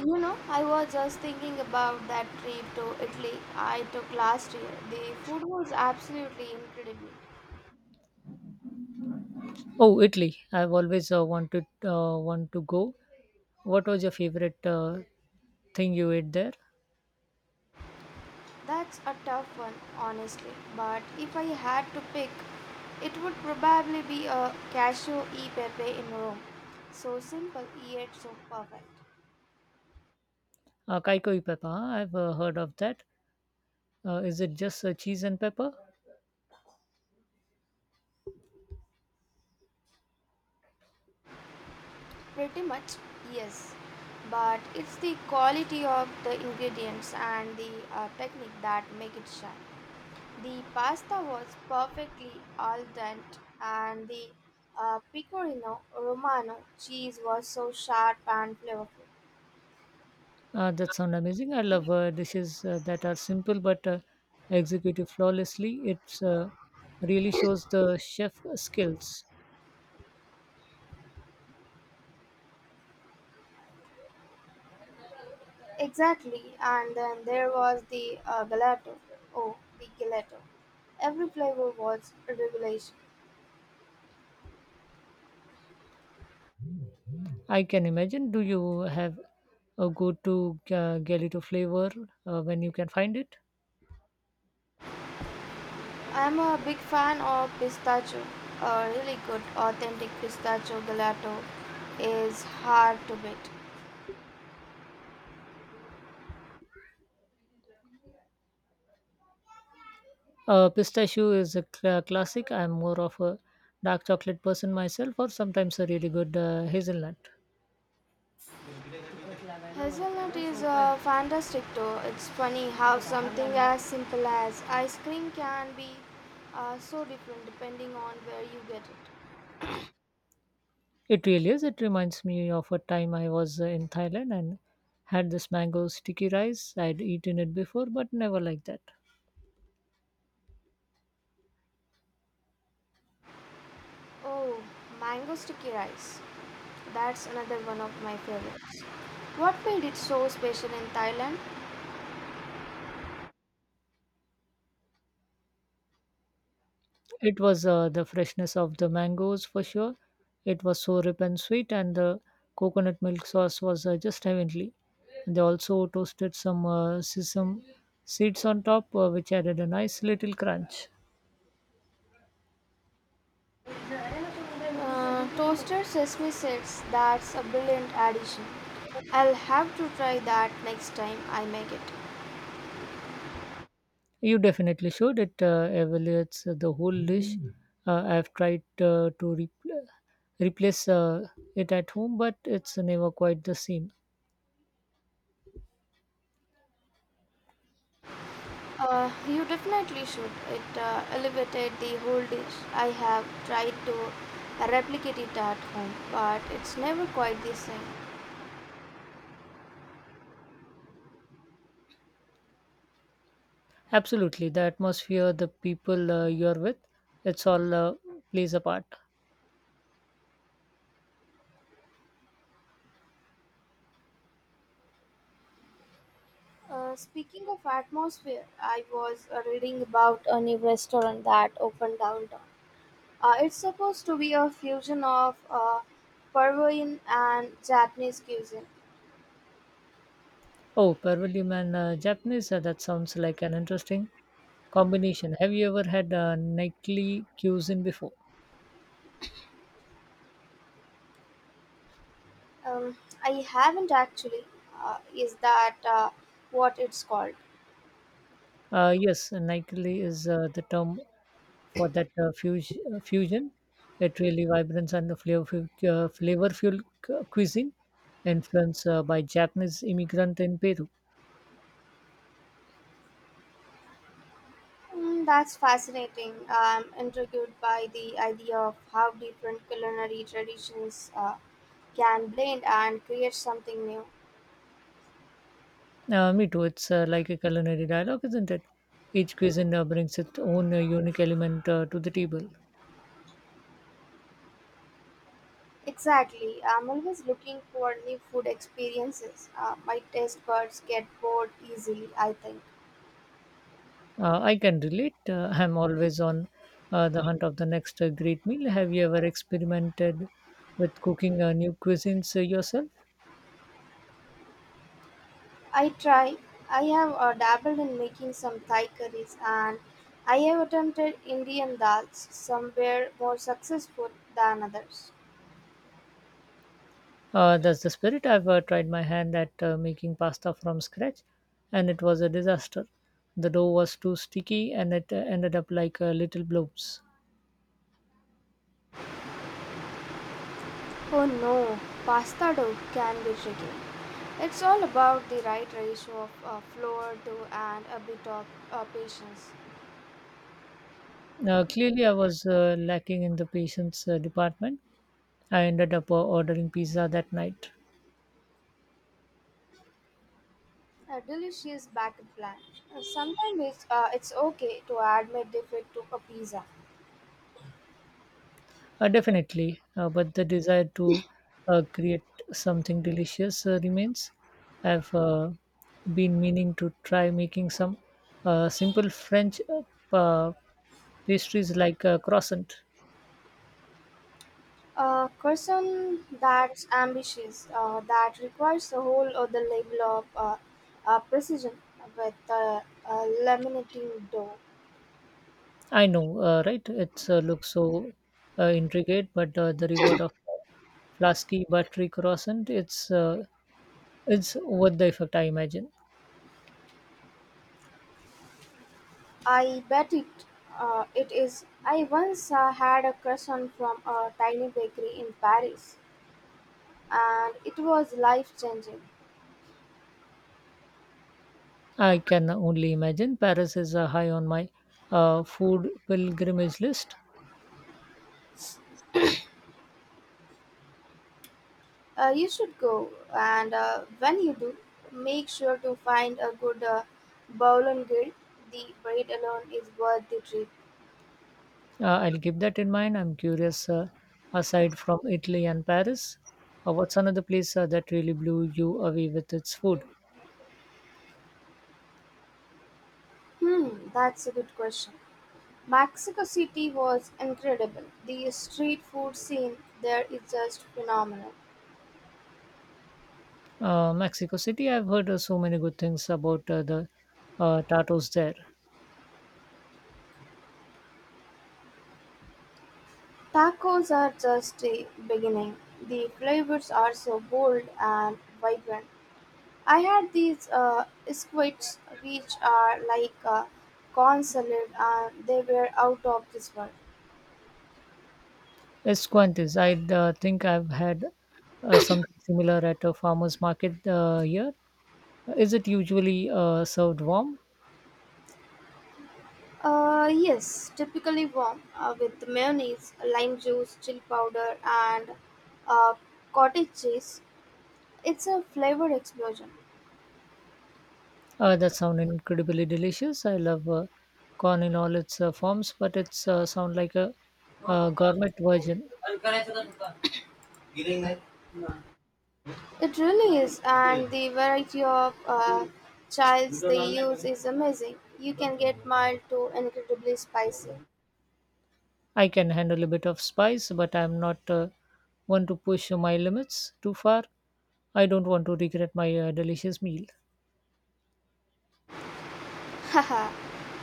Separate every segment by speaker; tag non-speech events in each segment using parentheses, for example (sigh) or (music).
Speaker 1: You know, I was just thinking about that trip to Italy I took last year. The food was absolutely incredible.
Speaker 2: Oh, Italy! I've always want to go. What was your favorite thing you ate there?
Speaker 1: That's a tough one, honestly. But if I had to pick, it would probably be a cashew e pepe in Rome. So simple yet so perfect.
Speaker 2: Kaiko e pepper, huh? I've heard of that. Is it just cheese and pepper?
Speaker 1: Pretty much, yes. But it's the quality of the ingredients and the technique that make it shine. The pasta was perfectly al dente, and the pecorino romano cheese was so sharp and flavorful.
Speaker 2: That sounds amazing. I love dishes that are simple but executed flawlessly. It's really shows the chef skills.
Speaker 1: Exactly, and then there was the gelato. Oh, the gelato. Every flavor was a revelation.
Speaker 2: I can imagine. Do you have a go-to galito flavor when you can find it?
Speaker 1: I'm a big fan of pistachio. A really good, authentic pistachio gelato is hard to beat.
Speaker 2: Pistachio is a classic. I'm more of a dark chocolate person myself, or sometimes a really good hazelnut.
Speaker 1: Hazelnut is fantastic too. It's funny how something as simple as ice cream can be so different depending on where you get it.
Speaker 2: It really is. It reminds me of a time I was in Thailand and had this mango sticky rice. I'd eaten it before, but never like that.
Speaker 1: Oh, mango sticky rice. That's another one of my favorites. What made it so special in Thailand?
Speaker 2: It was the freshness of the mangoes for sure. It was so rip and sweet, and the coconut milk sauce was just heavenly. They also toasted some sesame seeds on top, which added a nice little crunch.
Speaker 1: Toasted sesame seeds. That's a brilliant addition. I'll have to try that next time I make it.
Speaker 2: You definitely should. It evaluates the whole dish. I've tried to repl replace it at home, but it's never quite the same.
Speaker 1: You definitely should. It elevated the whole dish. I have tried to replicate it at home, but it's never quite the same.
Speaker 2: Absolutely, the atmosphere, the people you're with, it's all plays a part.
Speaker 1: Speaking of atmosphere, I was reading about a new restaurant that opened downtown. It's supposed to be a fusion of Peruvian and Japanese cuisine.
Speaker 2: Oh, Peruvian and Japanese, that sounds like an interesting combination. Have you ever had Nightly cuisine before?
Speaker 1: Um, I haven't actually. Is that what it's called?
Speaker 2: Yes, Nightly is the term for that fusion. It really vibrance and the flavor, flavorful cuisine influenced by Japanese immigrant in Peru.
Speaker 1: Mm, that's fascinating. I'm intrigued by the idea of how different culinary traditions can blend and create something new.
Speaker 2: Me too. It's like a culinary dialogue, isn't it? Each cuisine brings its own unique element to the table.
Speaker 1: Exactly. I'm always looking for new food experiences. My taste buds get bored easily, I think.
Speaker 2: I can relate. I'm always on the hunt of the next great meal. Have you ever experimented with cooking new cuisines yourself?
Speaker 1: I try. I have dabbled in making some Thai curries, and I have attempted Indian dals. Some were more successful than others.
Speaker 2: That's the spirit. I've tried my hand at making pasta from scratch, and it was a disaster. The dough was too sticky, and it ended up like little blobs.
Speaker 1: Oh no, pasta dough can be tricky. It's all about the right ratio of flour, dough, and a bit of patience.
Speaker 2: Clearly, I was lacking in the patience department. I ended up ordering pizza that night.
Speaker 1: A delicious backup plan. Sometimes it's okay to admit defeat to a pizza.
Speaker 2: Definitely, but the desire to create something delicious remains. I've been meaning to try making some simple French uh, pastries like croissant.
Speaker 1: A person that's ambitious, that requires a whole other level of precision with laminating dough.
Speaker 2: I know, right? It looks so intricate, but the reward of flasky buttery croissant it's worth the effort, I imagine.
Speaker 1: I bet it it is. I once had a croissant from a tiny bakery in Paris, and it was life changing.
Speaker 2: I can only imagine. Paris is high on my food pilgrimage list.
Speaker 1: You should go, and when you do, make sure to find a good boulangir. The bread alone is worth the trip.
Speaker 2: I'll keep that in mind. I'm curious, aside from Italy and Paris, what's another place that really blew you away with its food?
Speaker 1: Hmm, that's a good question. Mexico City was incredible. The street food scene there is just phenomenal.
Speaker 2: Mexico City, I've heard so many good things about the tacos there.
Speaker 1: Tacos are just a beginning. The flavors are so bold and vibrant. I had these squids, which are like a corn salad, and they were out of this world.
Speaker 2: Escuantes, I think I've had something similar at a farmer's market here. Is it usually served warm?
Speaker 1: Yes, typically warm with mayonnaise, lime juice, chili powder, and uh, cottage cheese. It's a flavor explosion.
Speaker 2: That sounds incredibly delicious. I love corn in all its forms, but it's sound like a, uh, gourmet version.
Speaker 1: It really is, and the variety of chilies they use is amazing. You can get mild to incredibly spicy.
Speaker 2: I can handle a bit of spice, but I'm not one to push my limits too far. I don't want to regret my delicious meal.
Speaker 1: (laughs) Haha,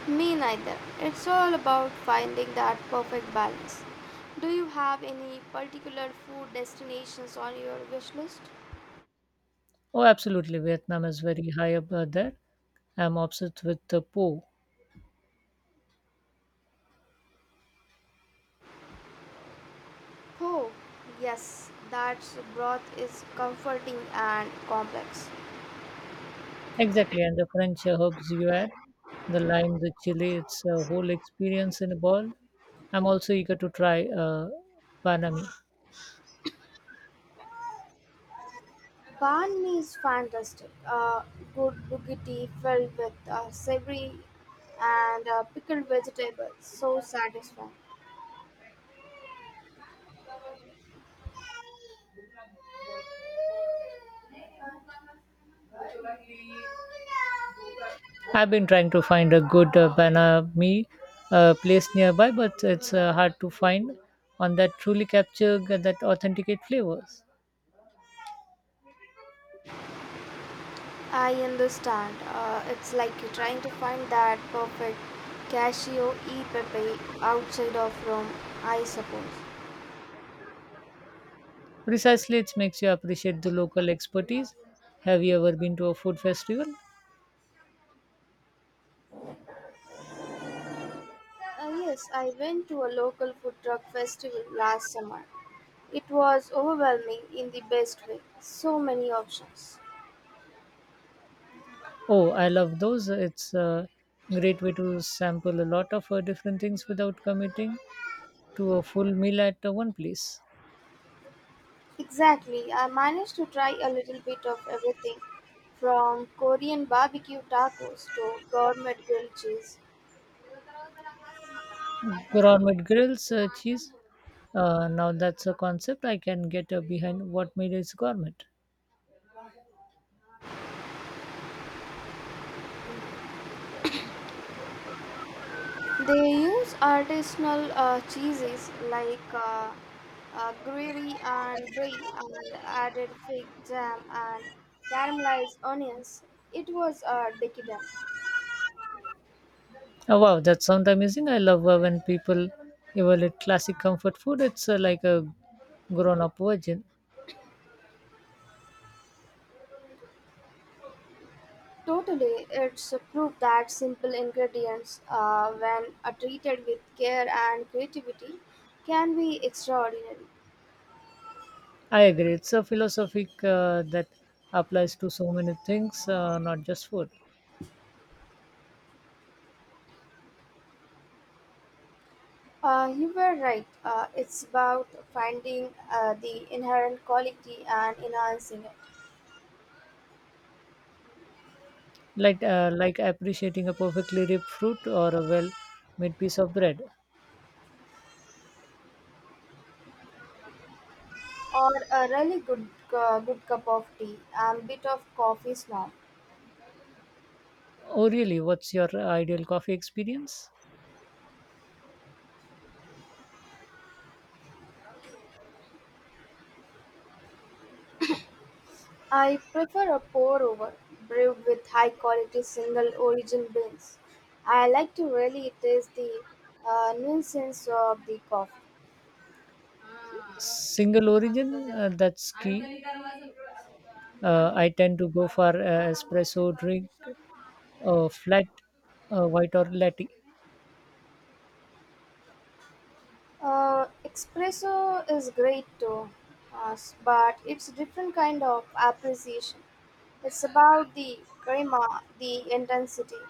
Speaker 1: me neither. It's all about finding that perfect balance. Do you have any particular food destinations on your wish list?
Speaker 2: Oh, absolutely. Vietnam is very high up there. I'm obsessed with the po.
Speaker 1: Oh, yes, that broth is comforting and complex.
Speaker 2: Exactly, and the French herbs you add, the lime, the chili, it's a whole experience in a ball. I'm also eager to try panami.
Speaker 1: Banh mi is fantastic. Good boogity filled with savory and pickled vegetables. So satisfying.
Speaker 2: I've been trying to find a good Banami place nearby, but it's hard to find one that truly that authenticate flavors.
Speaker 1: I understand. It's like you're trying to find that perfect cashew e pepe outside of Rome, I suppose.
Speaker 2: Precisely, it makes you appreciate the local expertise. Have you ever been to a food festival?
Speaker 1: Yes, I went to a local food truck festival last summer. It was overwhelming in the best way. So many options.
Speaker 2: Oh, I love those. It's a great way to sample a lot of different things without committing to a full meal at one place.
Speaker 1: Exactly. I managed to try a little bit of everything from Korean barbecue tacos to gourmet grilled cheese.
Speaker 2: Gourmet grills, cheese. Now that's a concept I can get behind. What made is gourmet?
Speaker 1: They use artisanal cheeses like gruyere and brie, and added fig jam and caramelized onions. It was decadent.
Speaker 2: Oh, wow, that sounds amazing. I love when people evaluate classic comfort food. It's like a grown up version.
Speaker 1: Totally, it's a proof that simple ingredients, when treated with care and creativity, can be extraordinary.
Speaker 2: I agree. It's a philosophic that applies to so many things, not just food.
Speaker 1: You were right. It's about finding the inherent quality and enhancing it.
Speaker 2: Like appreciating a perfectly ripe fruit or a well made piece of bread.
Speaker 1: Or a really good cup of tea. I'm a bit of coffee snob.
Speaker 2: Oh, really? What's your ideal coffee experience?
Speaker 1: I prefer a pour over brewed with high quality single origin beans. I like to really taste the nuisance of the coffee.
Speaker 2: Single origin? That's key. I tend to go for espresso drink, flat white or latte.
Speaker 1: Espresso is great too, uh, but it's different kind of appreciation. It's about the grima, the intensity.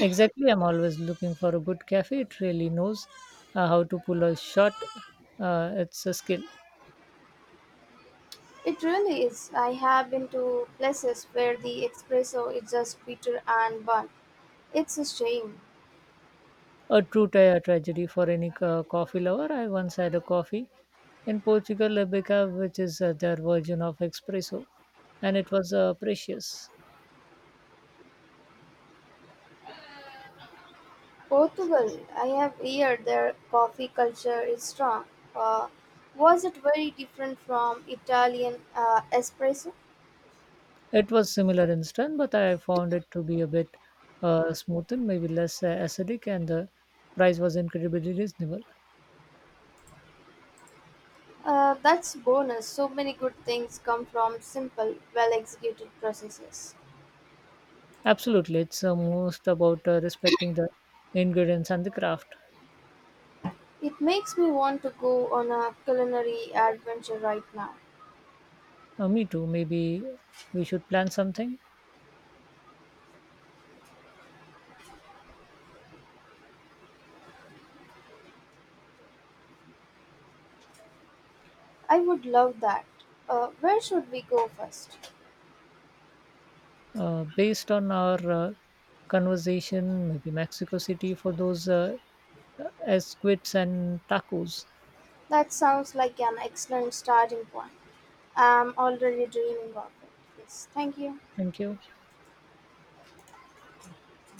Speaker 2: Exactly, I'm always looking for a good cafe. It really knows how to pull a shot. It's a skill.
Speaker 1: It really is. I have been to places where the espresso is just bitter and burnt. It's a shame.
Speaker 2: A true tragedy for any coffee lover. I once had a coffee in Portugal, Arabica, which is their version of espresso, and it was precious.
Speaker 1: Portugal, I have heard their coffee culture is strong. Uh, was it very different from Italian espresso?
Speaker 2: It was similar in strength, but I found it to be a bit smoother, maybe less acidic, and the price was incredibly reasonable.
Speaker 1: That's bonus. So many good things come from simple, well-executed processes.
Speaker 2: Absolutely, it's most about respecting the ingredients and the craft.
Speaker 1: It makes me want to go on a culinary adventure right now.
Speaker 2: Me too. Maybe we should plan something
Speaker 1: I would love that. Where should we go first?
Speaker 2: based on our conversation. Maybe Mexico City for those esquids and tacos.
Speaker 1: That sounds like an excellent starting point. I'm already dreaming of it. Yes, thank you.
Speaker 2: Thank you.